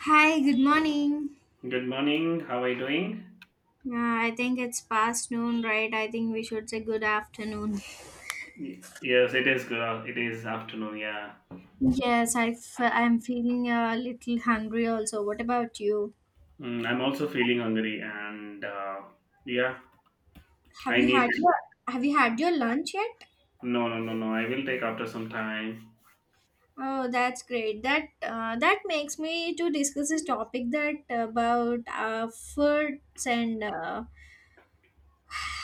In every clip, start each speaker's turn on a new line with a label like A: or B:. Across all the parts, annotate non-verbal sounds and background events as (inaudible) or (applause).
A: Hi, good morning.
B: Good morning. How are you doing?
A: I think it's past noon, right? I think we should say good afternoon.
B: Yes, it is good. It is afternoon. Yeah.
A: Yes, I'm feeling a little hungry also. What about you?
B: I'm also feeling hungry, and yeah,
A: Have
B: I
A: you had
B: need.
A: your Have you had your lunch yet?
B: No, no, no, no, I will take after some time.
A: Oh, that's great. That makes me to discuss this topic that about foods and uh,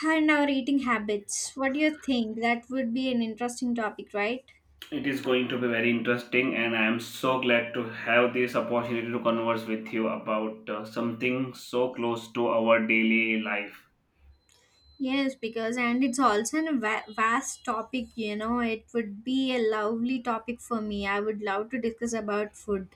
A: and our eating habits. What do you think? That would be an interesting topic, right?
B: It is going to be very interesting, and I am so glad to have this opportunity to converse with you about something so close to our daily life.
A: Yes, because and it's also a vast topic, you know. It would be a lovely topic for me. I would love to discuss about food.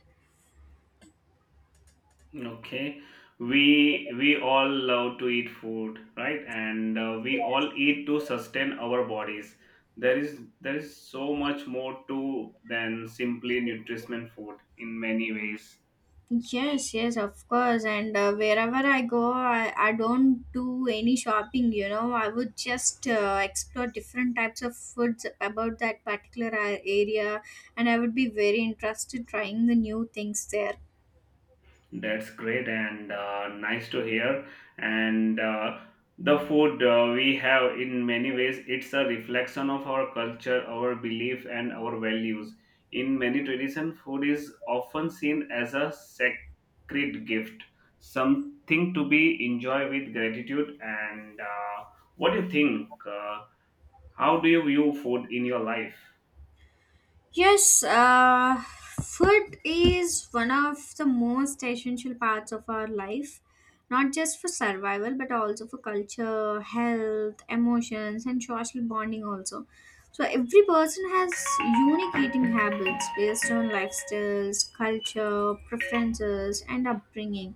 B: Okay, we all love to eat food, right? And we all eat to sustain our bodies. There is so much more to than simply nutrition and food in many ways.
A: Yes, yes, of course. And wherever I go, I don't do any shopping, you know. I would just explore different types of foods about that particular area, and I would be very interested trying the new things there.
B: That's great and nice to hear. And The food we have, in many ways, it's a reflection of our culture, our belief, and our values. In many traditions, food is often seen as a sacred gift, something to be enjoyed with gratitude. And what do you think? How do you view food in your life?
A: Yes, food is one of the most essential parts of our life, not just for survival, but also for culture, health, emotions, and social bonding, also. So, every person has unique eating habits based on lifestyles, culture, preferences, and upbringing.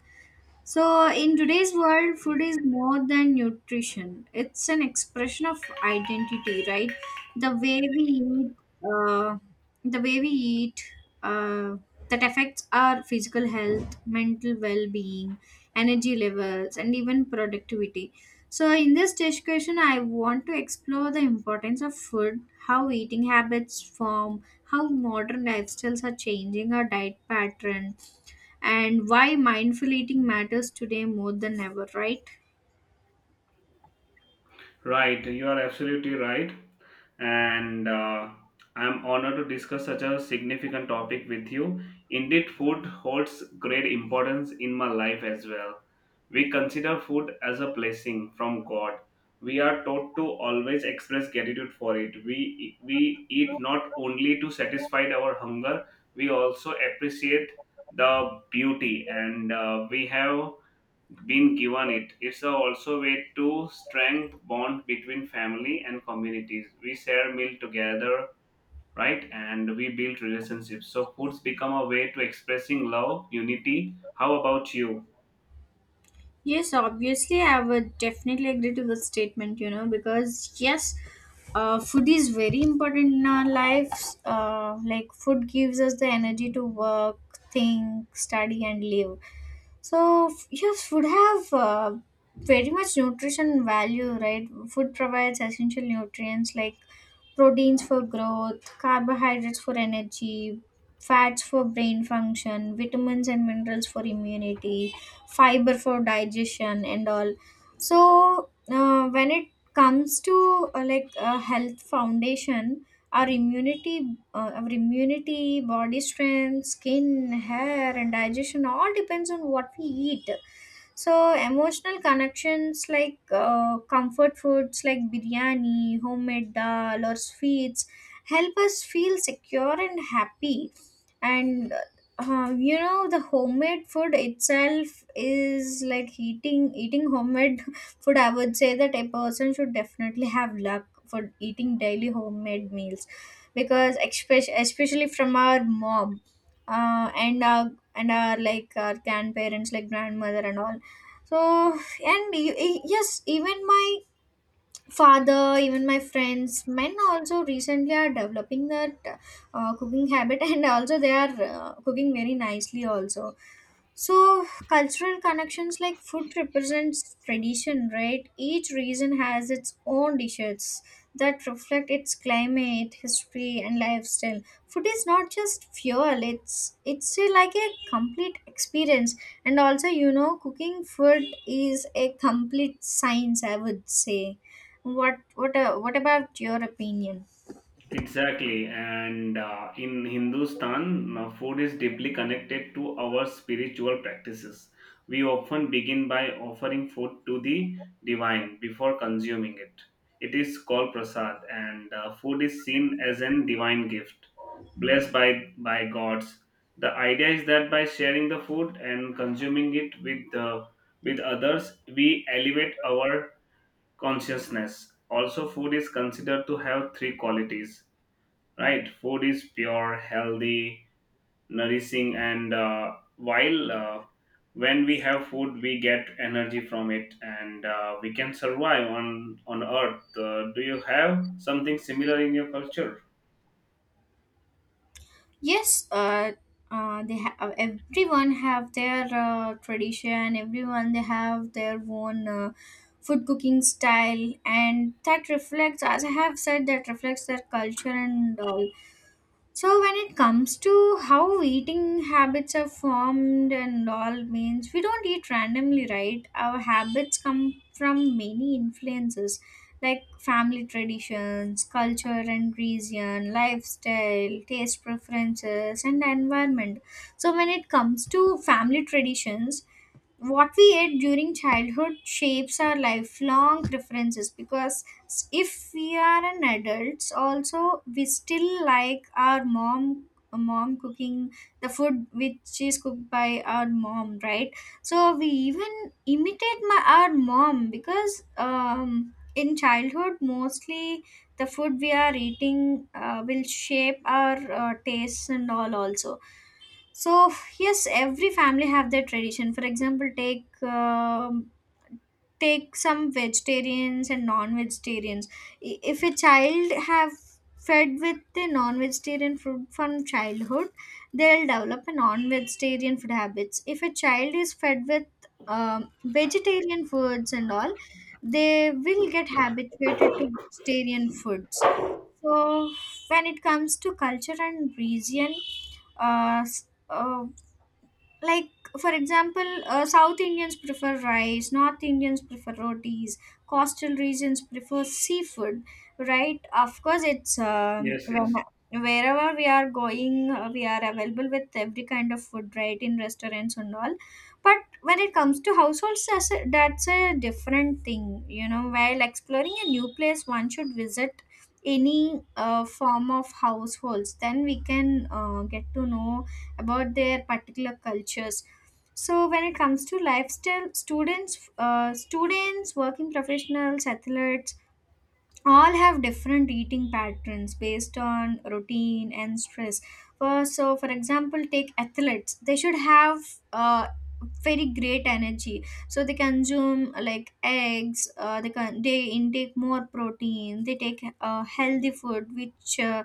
A: So, in today's world, food is more than nutrition. It's an expression of identity, right? The way we eat, uh, the way we eat, uh, that affects our physical health, mental well-being, energy levels, and even productivity. So, in this discussion, I want to explore the importance of food, how eating habits form, how modern lifestyles are changing our diet pattern and why mindful eating matters today more than ever, right?
B: Right, you are absolutely right. and I'm honored to discuss such a significant topic with you. Indeed, food holds great importance in my life as well. We consider food as a blessing from God. We are taught to always express gratitude for it. We eat not only to satisfy our hunger, we also appreciate the beauty, and we have been given it. It's a also way to strengthen bond between family and communities. We share meal together, right? And we build relationships. So foods become a way to expressing love, unity. How about you?
A: Yes, obviously, I would definitely agree to this statement, you know, because yes, food is very important in our lives. Like, food gives us the energy to work, think, study, and live. Yes, food have very much nutrition value, right? Food provides essential nutrients like proteins for growth, carbohydrates for energy, fats for brain function, vitamins and minerals for immunity, fiber for digestion, and all. So when it comes to like a health foundation our immunity our immunity, body strength, skin, hair, and digestion all depends on what we eat. So emotional connections like comfort foods like biryani, homemade dal or sweets help us feel secure and happy. And you know the homemade food itself is like eating homemade (laughs) food. I would say that a person should definitely have luck for eating daily homemade meals, because especially from our mom, and our like our grandparents like grandmother and all. So, and yes, even my father, even my friends, men also recently are developing that cooking habit, (laughs) and also they are cooking very nicely also. So, cultural connections like food represents tradition, right? Each region has its own dishes that reflect its climate, history, and lifestyle. Food is not just fuel; like a complete experience. And also, you know, cooking food is a complete science, I would say. What about your opinion?
B: Exactly, and in Hindustan, food is deeply connected to our spiritual practices. We often begin by offering food to the divine before consuming it. It is called prasad, and food is seen as a divine gift, blessed by gods. The idea is that by sharing the food and consuming it with others, we elevate our consciousness. Also, food is considered to have three qualities, right? Food is pure, healthy, nourishing, and while when we have food we get energy from it, and we can survive on earth. Do you have something similar in your culture?
A: Yes, they have, everyone have their tradition. Everyone they have their own food cooking style, and that reflects, as I have said, that reflects their culture and all. So when it comes to how eating habits are formed and all means we don't eat randomly, right? Our habits come from many influences like family traditions, culture and region, lifestyle, taste preferences and environment. So when it comes to family traditions, what we ate during childhood shapes our lifelong preferences, because if we are an adults also, we still like our mom cooking, the food which is cooked by our mom, right? So we even imitate my our mom, because in childhood mostly the food we are eating will shape our tastes and all also. So yes, every family have their tradition. For example, take take some vegetarians and non-vegetarians. If a child have fed with the non-vegetarian food from childhood, they'll develop a non-vegetarian food habits. If a child is fed with vegetarian foods and all, they will get habituated to vegetarian foods. So when it comes to culture and region, uh, s- uh, like for example, south Indians prefer rice, north Indians prefer rotis, coastal regions prefer seafood, right? Of course it's
B: Yes,
A: when
B: yes,
A: wherever we are going, we are available with every kind of food, right, in restaurants and all. But when it comes to households, that's a different thing, you know. While exploring a new place, one should visit any form of households, then we can get to know about their particular cultures. So when it comes to lifestyle, students, working professionals, athletes all have different eating patterns based on routine and stress. For example, take athletes, they should have uh, very great energy, so they consume like eggs. They intake more protein, they take healthy food which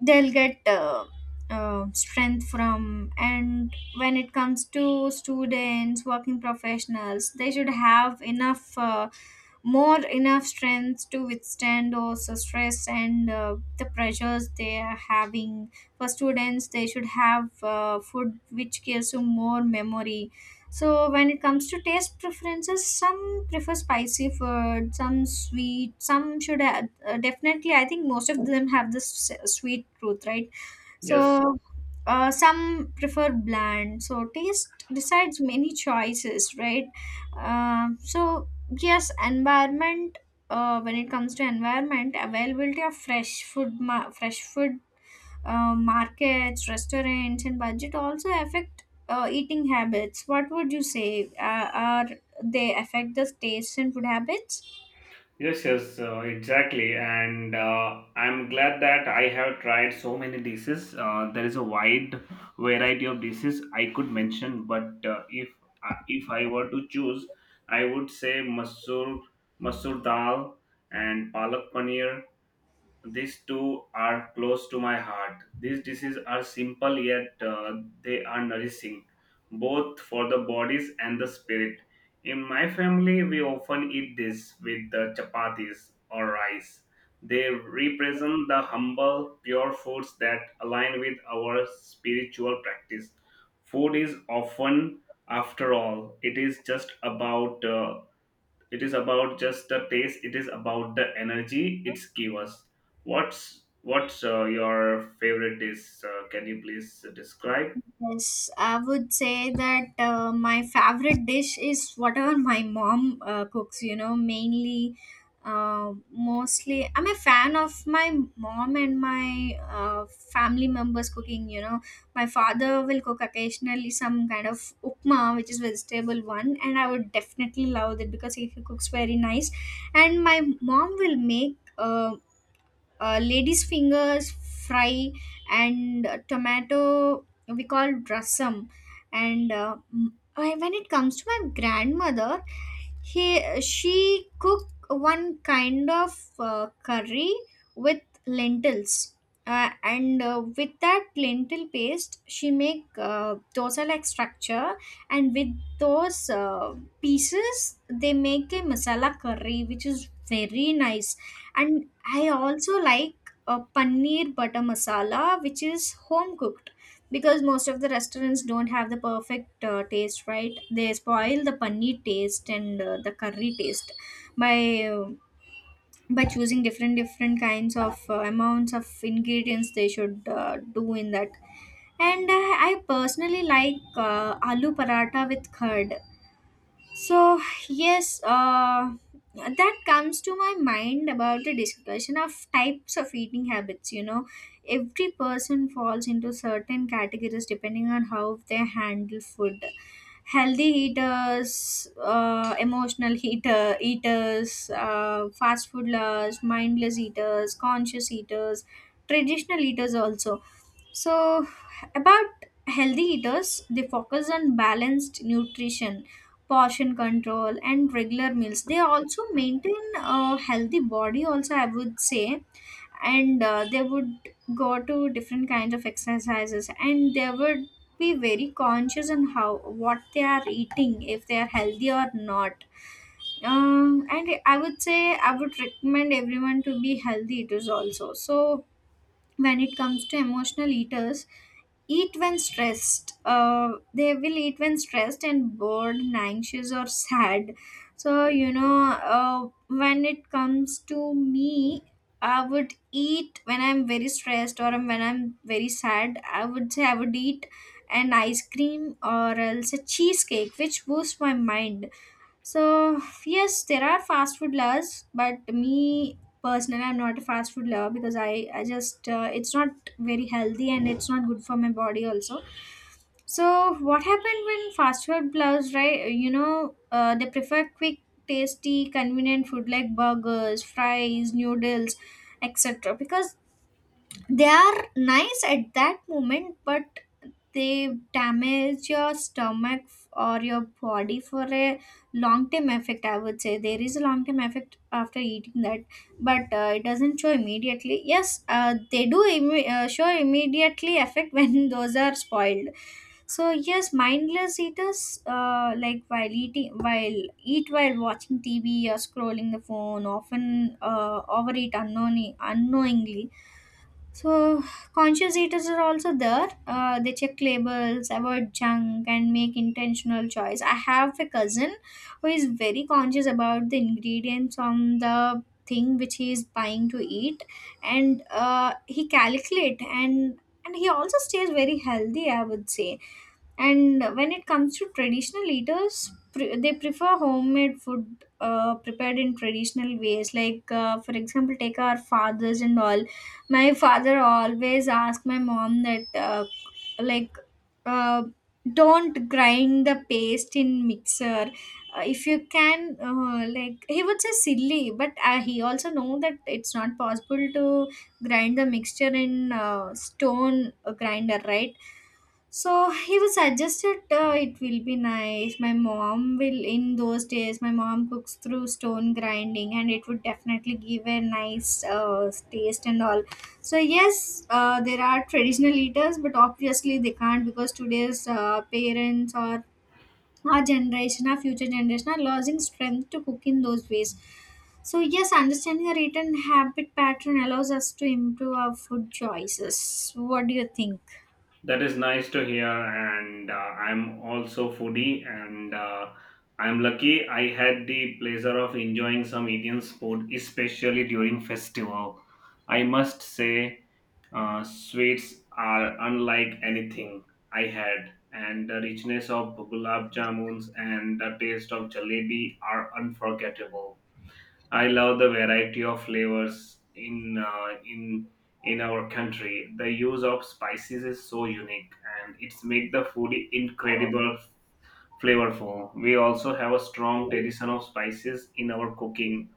A: they'll get strength from. And when it comes to students, working professionals, they should have enough more enough strength to withstand also stress and the pressures they are having. For students, they should have food which gives you more memory. So when it comes to taste preferences, some prefer spicy food, some sweet, some should definitely, I think most of them have this sweet truth, right?
B: yes.
A: So some prefer bland. So taste decides many choices, right? Uh, so yes, environment. When it comes to environment, availability of fresh food, fresh food markets, restaurants, and budget also affect eating habits. What would you say? Are they affect the taste and food habits?
B: Yes, yes, exactly. And I'm glad that I have tried so many dishes. There is a wide variety of dishes I could mention, but if I were to choose, I would say masoor dal and palak paneer, these two are close to my heart. These dishes are simple yet they are nourishing, both for the bodies and the spirit. In my family, we often eat this with the chapatis or rice. They represent the humble, pure foods that align with our spiritual practice. Food is often, After all, it is about just the taste, it is about the energy it's give us. What's your favorite dish? Can you please describe?
A: Yes, I would say that my favorite dish is whatever my mom cooks, you know, mainly, mostly. I'm a fan of my mom and my family members cooking, you know. My father will cook occasionally some kind of upma, which is vegetable one, and I would definitely love it because he cooks very nice. And my mom will make ladies fingers fry and tomato we call rasam. And when it comes to my grandmother, he she cook one kind of curry with lentils, and with that lentil paste she make dosa like structure, and with those pieces they make a masala curry which is very nice. And I also like a paneer butter masala which is home cooked, because most of the restaurants don't have the perfect taste, right? They spoil the paneer taste and the curry taste by uh, by choosing different kinds of amounts of ingredients they should do in that. And I personally like aloo paratha with curd. So, yes, that comes to my mind about the discussion of types of eating habits. You know, every person falls into certain categories depending on how they handle food. Healthy eaters, emotional (laughs) eater, eaters, fast food lovers, mindless eaters, conscious eaters, traditional eaters also. So, about healthy eaters, they focus on balanced nutrition, portion control, and regular meals. They also maintain a healthy body, also, I would say, and they would go to different kinds of exercises, and they would be very conscious on how what they are eating, if they are healthy or not. And I would say I would recommend everyone to be healthy eaters also. So when it comes to emotional eaters, eat when stressed, they will eat when stressed and bored and anxious or sad. So you know, when it comes to me, I would eat when I'm very stressed, or when I'm very sad I would say I would eat an ice cream or else a cheesecake which boosts my mind. So yes, there are fast food lovers, but me personally, I'm not a fast food lover, because I just it's not very healthy and it's not good for my body also. So what happened when fast food lovers, right? You know, they prefer quick, tasty, convenient food like burgers, fries, noodles, etc. Because they are nice at that moment, but they damage your stomach or your body for a long term effect. I would say there is a long term effect after eating that, but it doesn't show immediately. Yes, they do show immediately effect (laughs) when those are spoiled. So yes, mindless eaters, like while eating while eat while watching TV or scrolling the phone, often overeat unknowingly. So, conscious eaters are also there. They check labels, avoid junk, and make intentional choice. I have a cousin who is very conscious about the ingredients on the thing which he is buying to eat, and he calculate, and he also stays very healthy. I would say. And when it comes to traditional eaters, they prefer homemade food prepared in traditional ways. Like, for example, take our fathers and all. My father always asked my mom that, like, uh, don't grind the paste in mixer. If you can, he would say silly, but he also know that it's not possible to grind the mixture in stone grinder, right? So he was suggested it will be nice. My mom will, in those days, my mom cooks through stone grinding and it would definitely give a nice taste and all. So, yes, there are traditional eaters, but obviously they can't because today's parents or our generation, our future generation are losing strength to cook in those ways. So, yes, understanding our eating habit pattern allows us to improve our food choices. What do you think?
B: That is nice to hear, and I'm also foodie, and I'm lucky I had the pleasure of enjoying some Indian food, especially during festival. I must say sweets are unlike anything I had, and the richness of gulab jamuns and the taste of jalebi are unforgettable. I love the variety of flavors in in our country. The use of spices is so unique, and it's make the food incredible flavorful. We also have a strong tradition of spices in our cooking.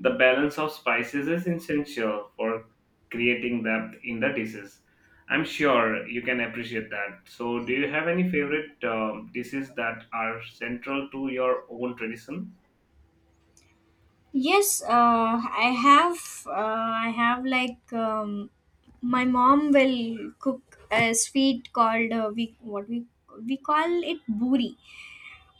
B: The balance of spices is essential for creating depth in the dishes. I'm sure you can appreciate that. So, do you have any favorite dishes that are central to your own tradition?
A: Yes, I have. I have like my mom will cook a sweet called we what we call it buri.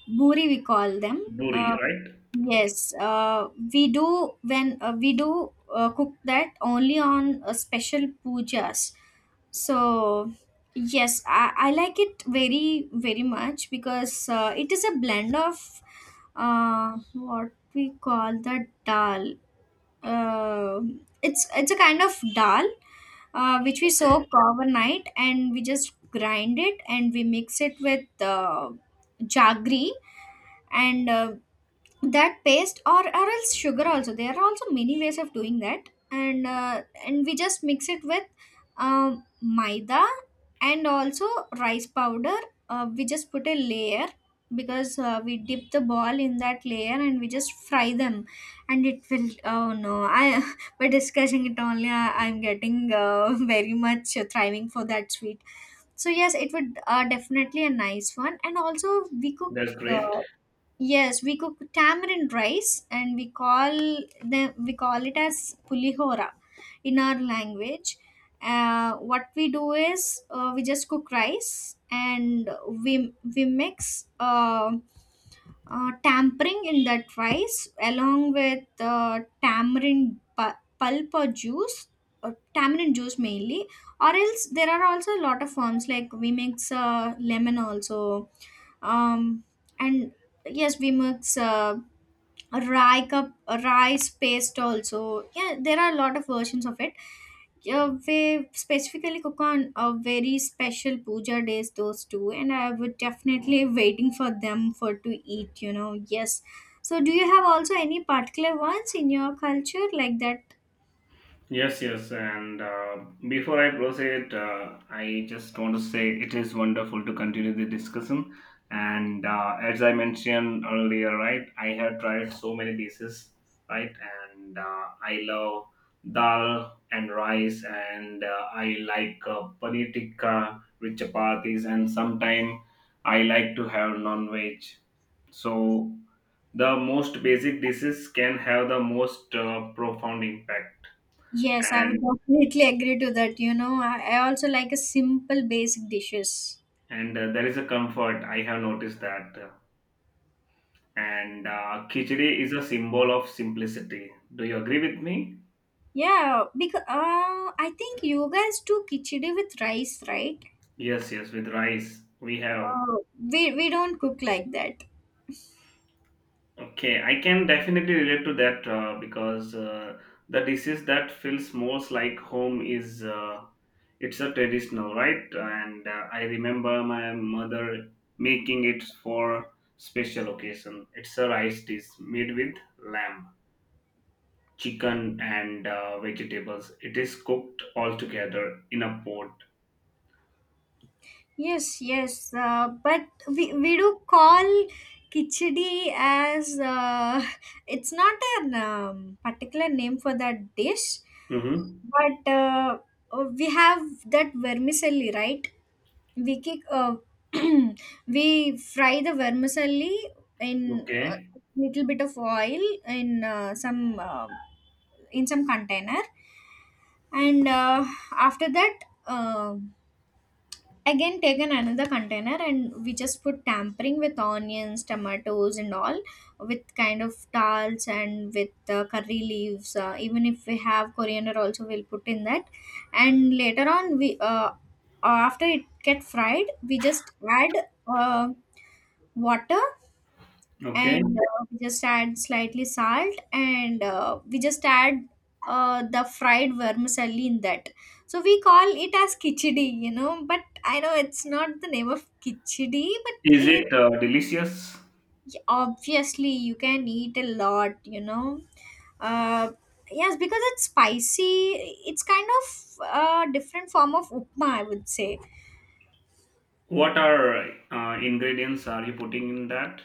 A: Buri we call them.
B: Buri, right?
A: Yes, we do when we do cook that only on special pujas. So yes, I like it very very much because it is a blend of what we call the dal, uh, it's a kind of dal which we
B: Okay,
A: soak overnight, and we just grind it and we mix it with jaggery, and that paste, or else sugar. Also there are also many ways of doing that, and and we just mix it with maida and also rice powder. We just put a layer because we dip the ball in that layer, and we just fry them, and it will oh no I (laughs) by discussing it only I'm getting (laughs) very much thriving for that sweet. So yes, it would definitely a nice one. And also we cook,
B: that's
A: uh,
B: great.
A: yes, we cook tamarind rice, and we call it as pulihora in our language. What we do is we just cook rice, and we mix tampering in that rice along with tamarind pulp or juice, or tamarind juice mainly. Or else there are also a lot of forms, like we mix lemon also, um and yes, we mix rye cup rice paste also. Yeah, there are a lot of versions of it. We specifically cook on a very special puja days those two, and I would definitely (laughs) waiting for them for to eat, you know. Yes, so do you have also any particular ones in your culture like that?
B: Yes, yes, and before I proceed, I just want to say it is wonderful to continue the discussion. And as I mentioned earlier, right, I have tried so many dishes, right, and I love dal and rice, and I like paneer tikka with chapatis, and sometimes I like to have non-veg. So the most basic dishes can have the most profound impact.
A: Yes, I would (laughs)
B: and
A: definitely agree to that, you know. I also like a simple basic dishes.
B: and uh, there is a comfort, I have noticed that. And khichdi is a symbol of simplicity. Do you agree with me?
A: Yeah, because I think you guys do khichdi with rice, right?
B: Yes, yes, with rice we have.
A: Uh, we don't cook like that.
B: Okay, I can definitely relate to that, because the disease that feels most like home is it's a traditional, right? And I remember my mother making it for special occasion. It's a rice dish made with lamb, chicken, and vegetables. It is cooked all together in a pot.
A: Yes, yes, but we do call khichdi as (laughs) it's not an particular name for that dish,
B: Mm-hmm.
A: but we have that vermicelli, right? We kick, (clears throat) we fry the vermicelli in
B: Okay.
A: a little bit of oil in some container, and after that uh, again taken another container, and we just put tampering with onions, tomatoes, and all, with kind of dals, and with curry leaves. Even if we have coriander also, we'll put in that. And later on, we after it get fried, we just add uh, water. And
B: Okay.
A: we just add slightly salt, and we just add the fried vermicelli in that. So we call it as kichidi, you know, but I know it's not the name of kichidi but
B: Is
A: it.
B: it delicious?
A: Obviously you can eat a lot, you know. uh, yes, because it's spicy, it's kind of a different form of upma, I would say.
B: What are ingredients are you putting in that?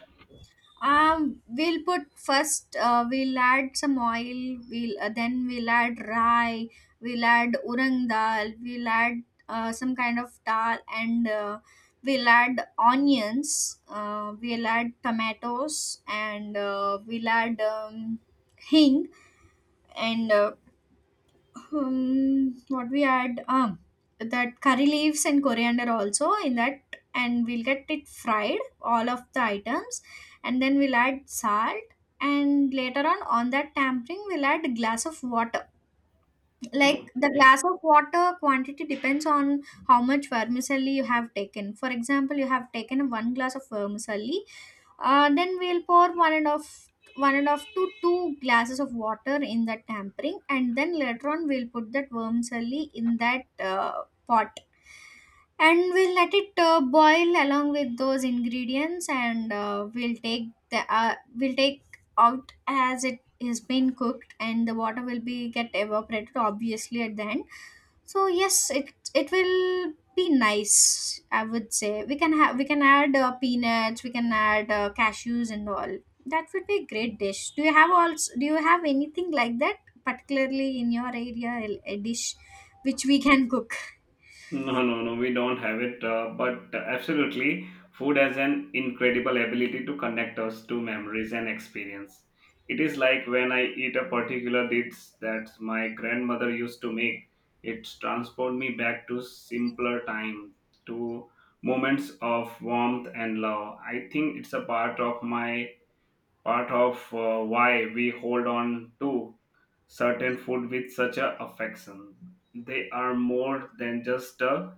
A: We'll put first. We'll add some oil. We'll Then we'll add rye. We'll add urang dal. We'll add some kind of dal, and we'll add onions. We'll add tomatoes, and we'll add hing, and what we add that curry leaves and coriander also in that, and we'll get it fried all of the items. And then we'll add salt, and later on that tampering we'll add a glass of water. Like the
B: Okay.
A: glass of water quantity depends on how much vermicelli you have taken. For example, you have taken one glass of vermicelli, then we'll pour one and of to two glasses of water in that tampering, and then later on we'll put that vermicelli in that pot, and we'll let it boil along with those ingredients. And we'll take out as it has been cooked, and the water will be get evaporated obviously at the end. So yes, it will be nice, I would say. We can have, we can add peanuts, we can add cashews and all. That would be a great dish. Do you have also, do you have anything like that particularly in your area, a dish which we can cook?
B: No, no, no, we don't have it. But absolutely, food has an incredible ability to connect us to memories and experience. It is like when I eat a particular dish that my grandmother used to make, it transports me back to simpler time, to moments of warmth and love. I think it's a part of my part of why we hold on to certain food with such a affection. They are more than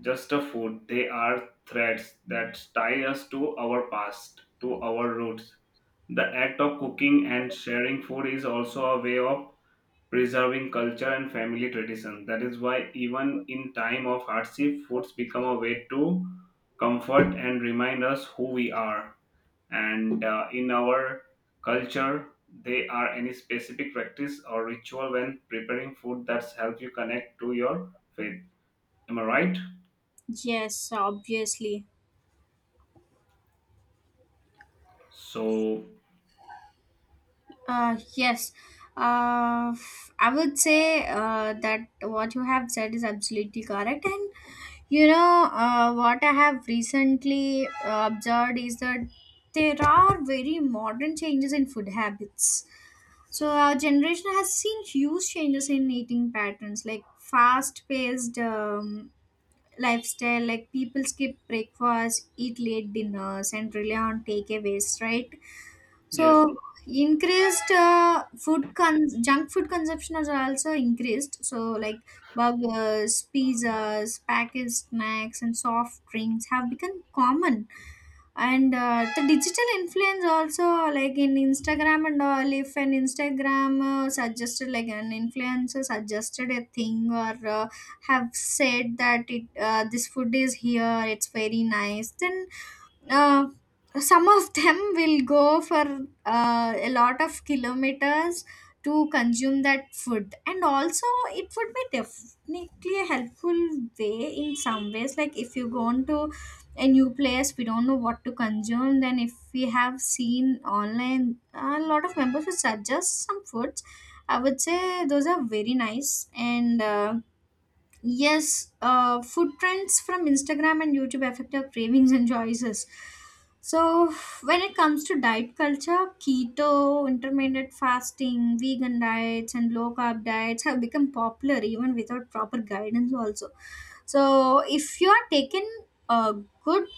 B: just a food. They are threads that tie us to our past, to our roots. The act of cooking and sharing food is also a way of preserving culture and family tradition. That is why, even in time of hardship, foods become a way to comfort and remind us who we are. And in our culture, they are any specific practice or ritual when preparing food that's help you connect to your faith. Am I right?
A: Yes, obviously.
B: So
A: Yes. Uh, I would say that what you have said is absolutely correct. And you know, what I have recently observed is that there are very modern changes in food habits. So our generation has seen huge changes in eating patterns, like fast-paced lifestyle, like people skip breakfast, eat late dinners, and rely on takeaways, right?
B: yes,
A: So increased junk food consumption has also increased. So like burgers, pizzas, packaged snacks, and soft drinks have become common. And the digital influence also, like in Instagram and all. If an Instagram suggested, like an influencer suggested a thing, or have said that it this food is here, it's very nice, then uh, some of them (laughs) will go for a lot of kilometers to consume that food. And also it would be definitely a helpful way in some ways. Like, if you go into a new place, we don't know what to consume, then if we have seen online a lot of members who suggest some foods, I would say those are very nice. And yes, food trends from Instagram and YouTube affect our cravings and choices. So, when it comes to diet culture, keto, intermittent fasting, vegan diets, and low carb diets have become popular even without proper guidance, also. So, if you are taking a good,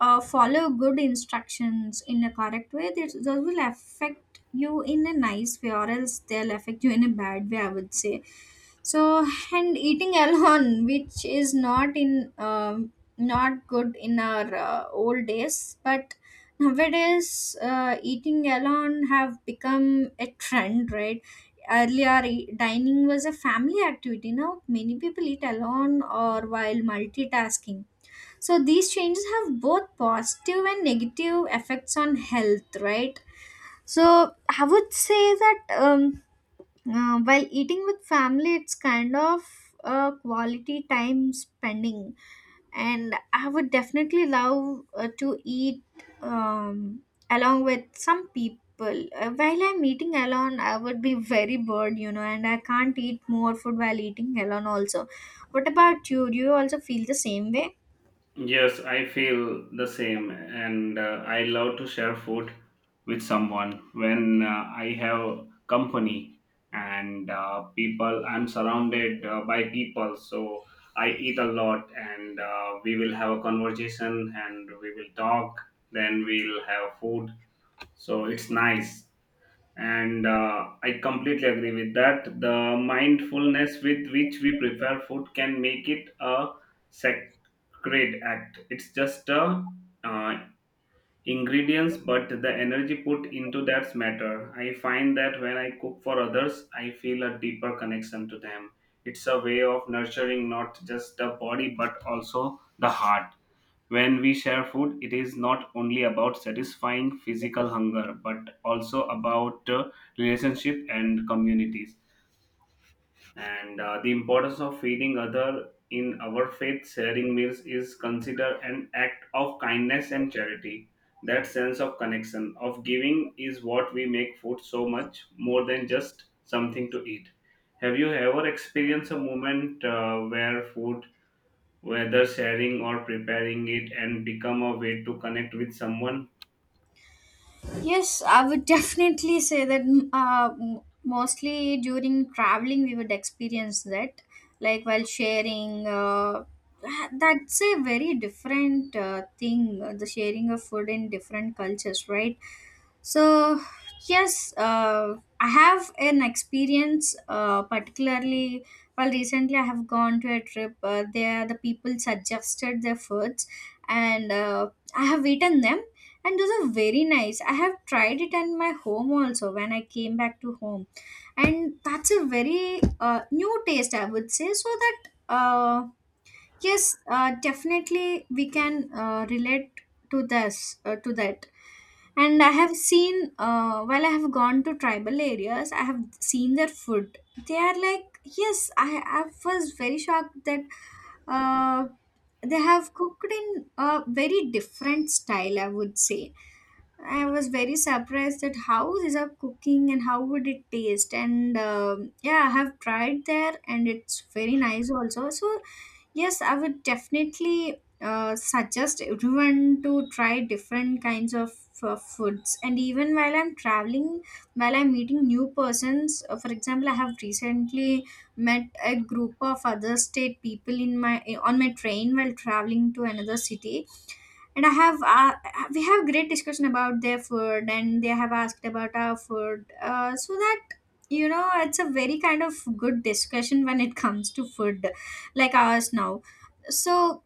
A: follow good instructions in a correct way, this, those will affect you in a nice way, or else they'll affect you in a bad way, I would say. So, and eating alone, which is not in not good in our old days, but nowadays eating alone have become a trend, right? Earlier, dining was a family activity. Now many people eat alone or while multitasking. So these changes have both positive and negative effects on health, right? So I would say that, while eating with family, it's kind of a quality time spending, and I would definitely love to eat um, along with some people. While I'm eating alone, I would be very bored, you know, and I can't eat more food while eating alone, also. What about you? Do you also feel the same way?
B: yes, I feel the same, and I love to share food with someone when I have company and people. I'm surrounded by people, so I eat a lot, and we will have a conversation, and we will talk. Then we'll have food, so it's nice. And I completely agree with that. The mindfulness with which we prepare food can make it a sacred act. It's just a uh, ingredients, but the energy put into that matter. I find that when I cook for others I feel a deeper connection to them. It's a way of nurturing not just the body but also the heart. When we share food, it is not only about satisfying physical hunger, but also about relationship and communities. And the importance of feeding other in our faith sharing meals is considered an act of kindness and charity. That sense of connection, of giving, is what we make food so much more than just something to eat. Have you ever experienced a moment where food, whether sharing or preparing it, and become a way to connect with someone?
A: Yes, I would definitely say that mm, mostly during traveling, we would experience that, like while sharing. That's a very different thing, the sharing of food in different cultures, right? So, yes, I have an experience, particularly, well, recently I have gone to a trip. There, the people suggested their foods, and I have eaten them, and those are very nice. I have tried it in my home also when I came back to home, and that's a very new taste, I would say. So that, uh, yes, definitely we can relate to that. And I have seen while I have gone to tribal areas, I have seen their food. They are like yes, I was very shocked that uh, they have cooked in a very different style, I would say. I was very surprised at how these are cooking and how would it taste. And yeah, I have tried there, and it's very nice also. So yes, I would definitely suggest everyone to try different kinds of foods. And even while I'm traveling, while I'm meeting new persons, for example, I have recently met a group of other state people in my on my train while traveling to another city, and I have we have great discussion about their food, and they have asked about our food. So that, you know, it's a very kind of good discussion when it comes to food like ours now. So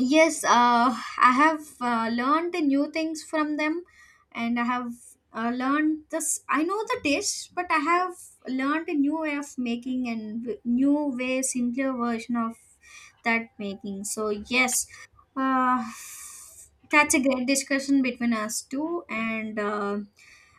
A: yes, I have learned the new things from them, and I have learned this. I know the dish, but I have learned a new way of making, and new way, simpler version of that making. So yes, uh, that's a great discussion between us two, and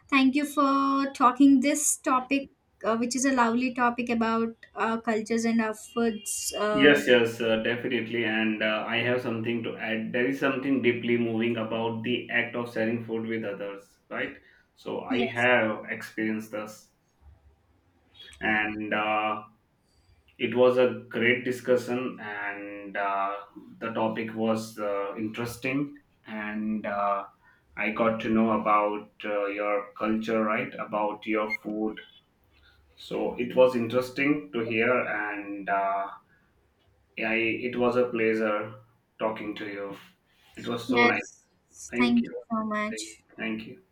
A: thank you for talking this topic, which is a lovely topic about our cultures and our foods.
B: Yes, yes, definitely, and I have something to add. There is something deeply moving about the act of sharing food with others, right? So I
A: Yes.
B: have experienced this. And it was a great discussion, and the topic was interesting, and I got to know about your culture, right, about your food. So it was interesting to hear, and yeah, I, it was a pleasure talking to you. It was so nice.
A: Yes.
B: Thank
A: Thank
B: you.
A: you so much.
B: Thank, thank you.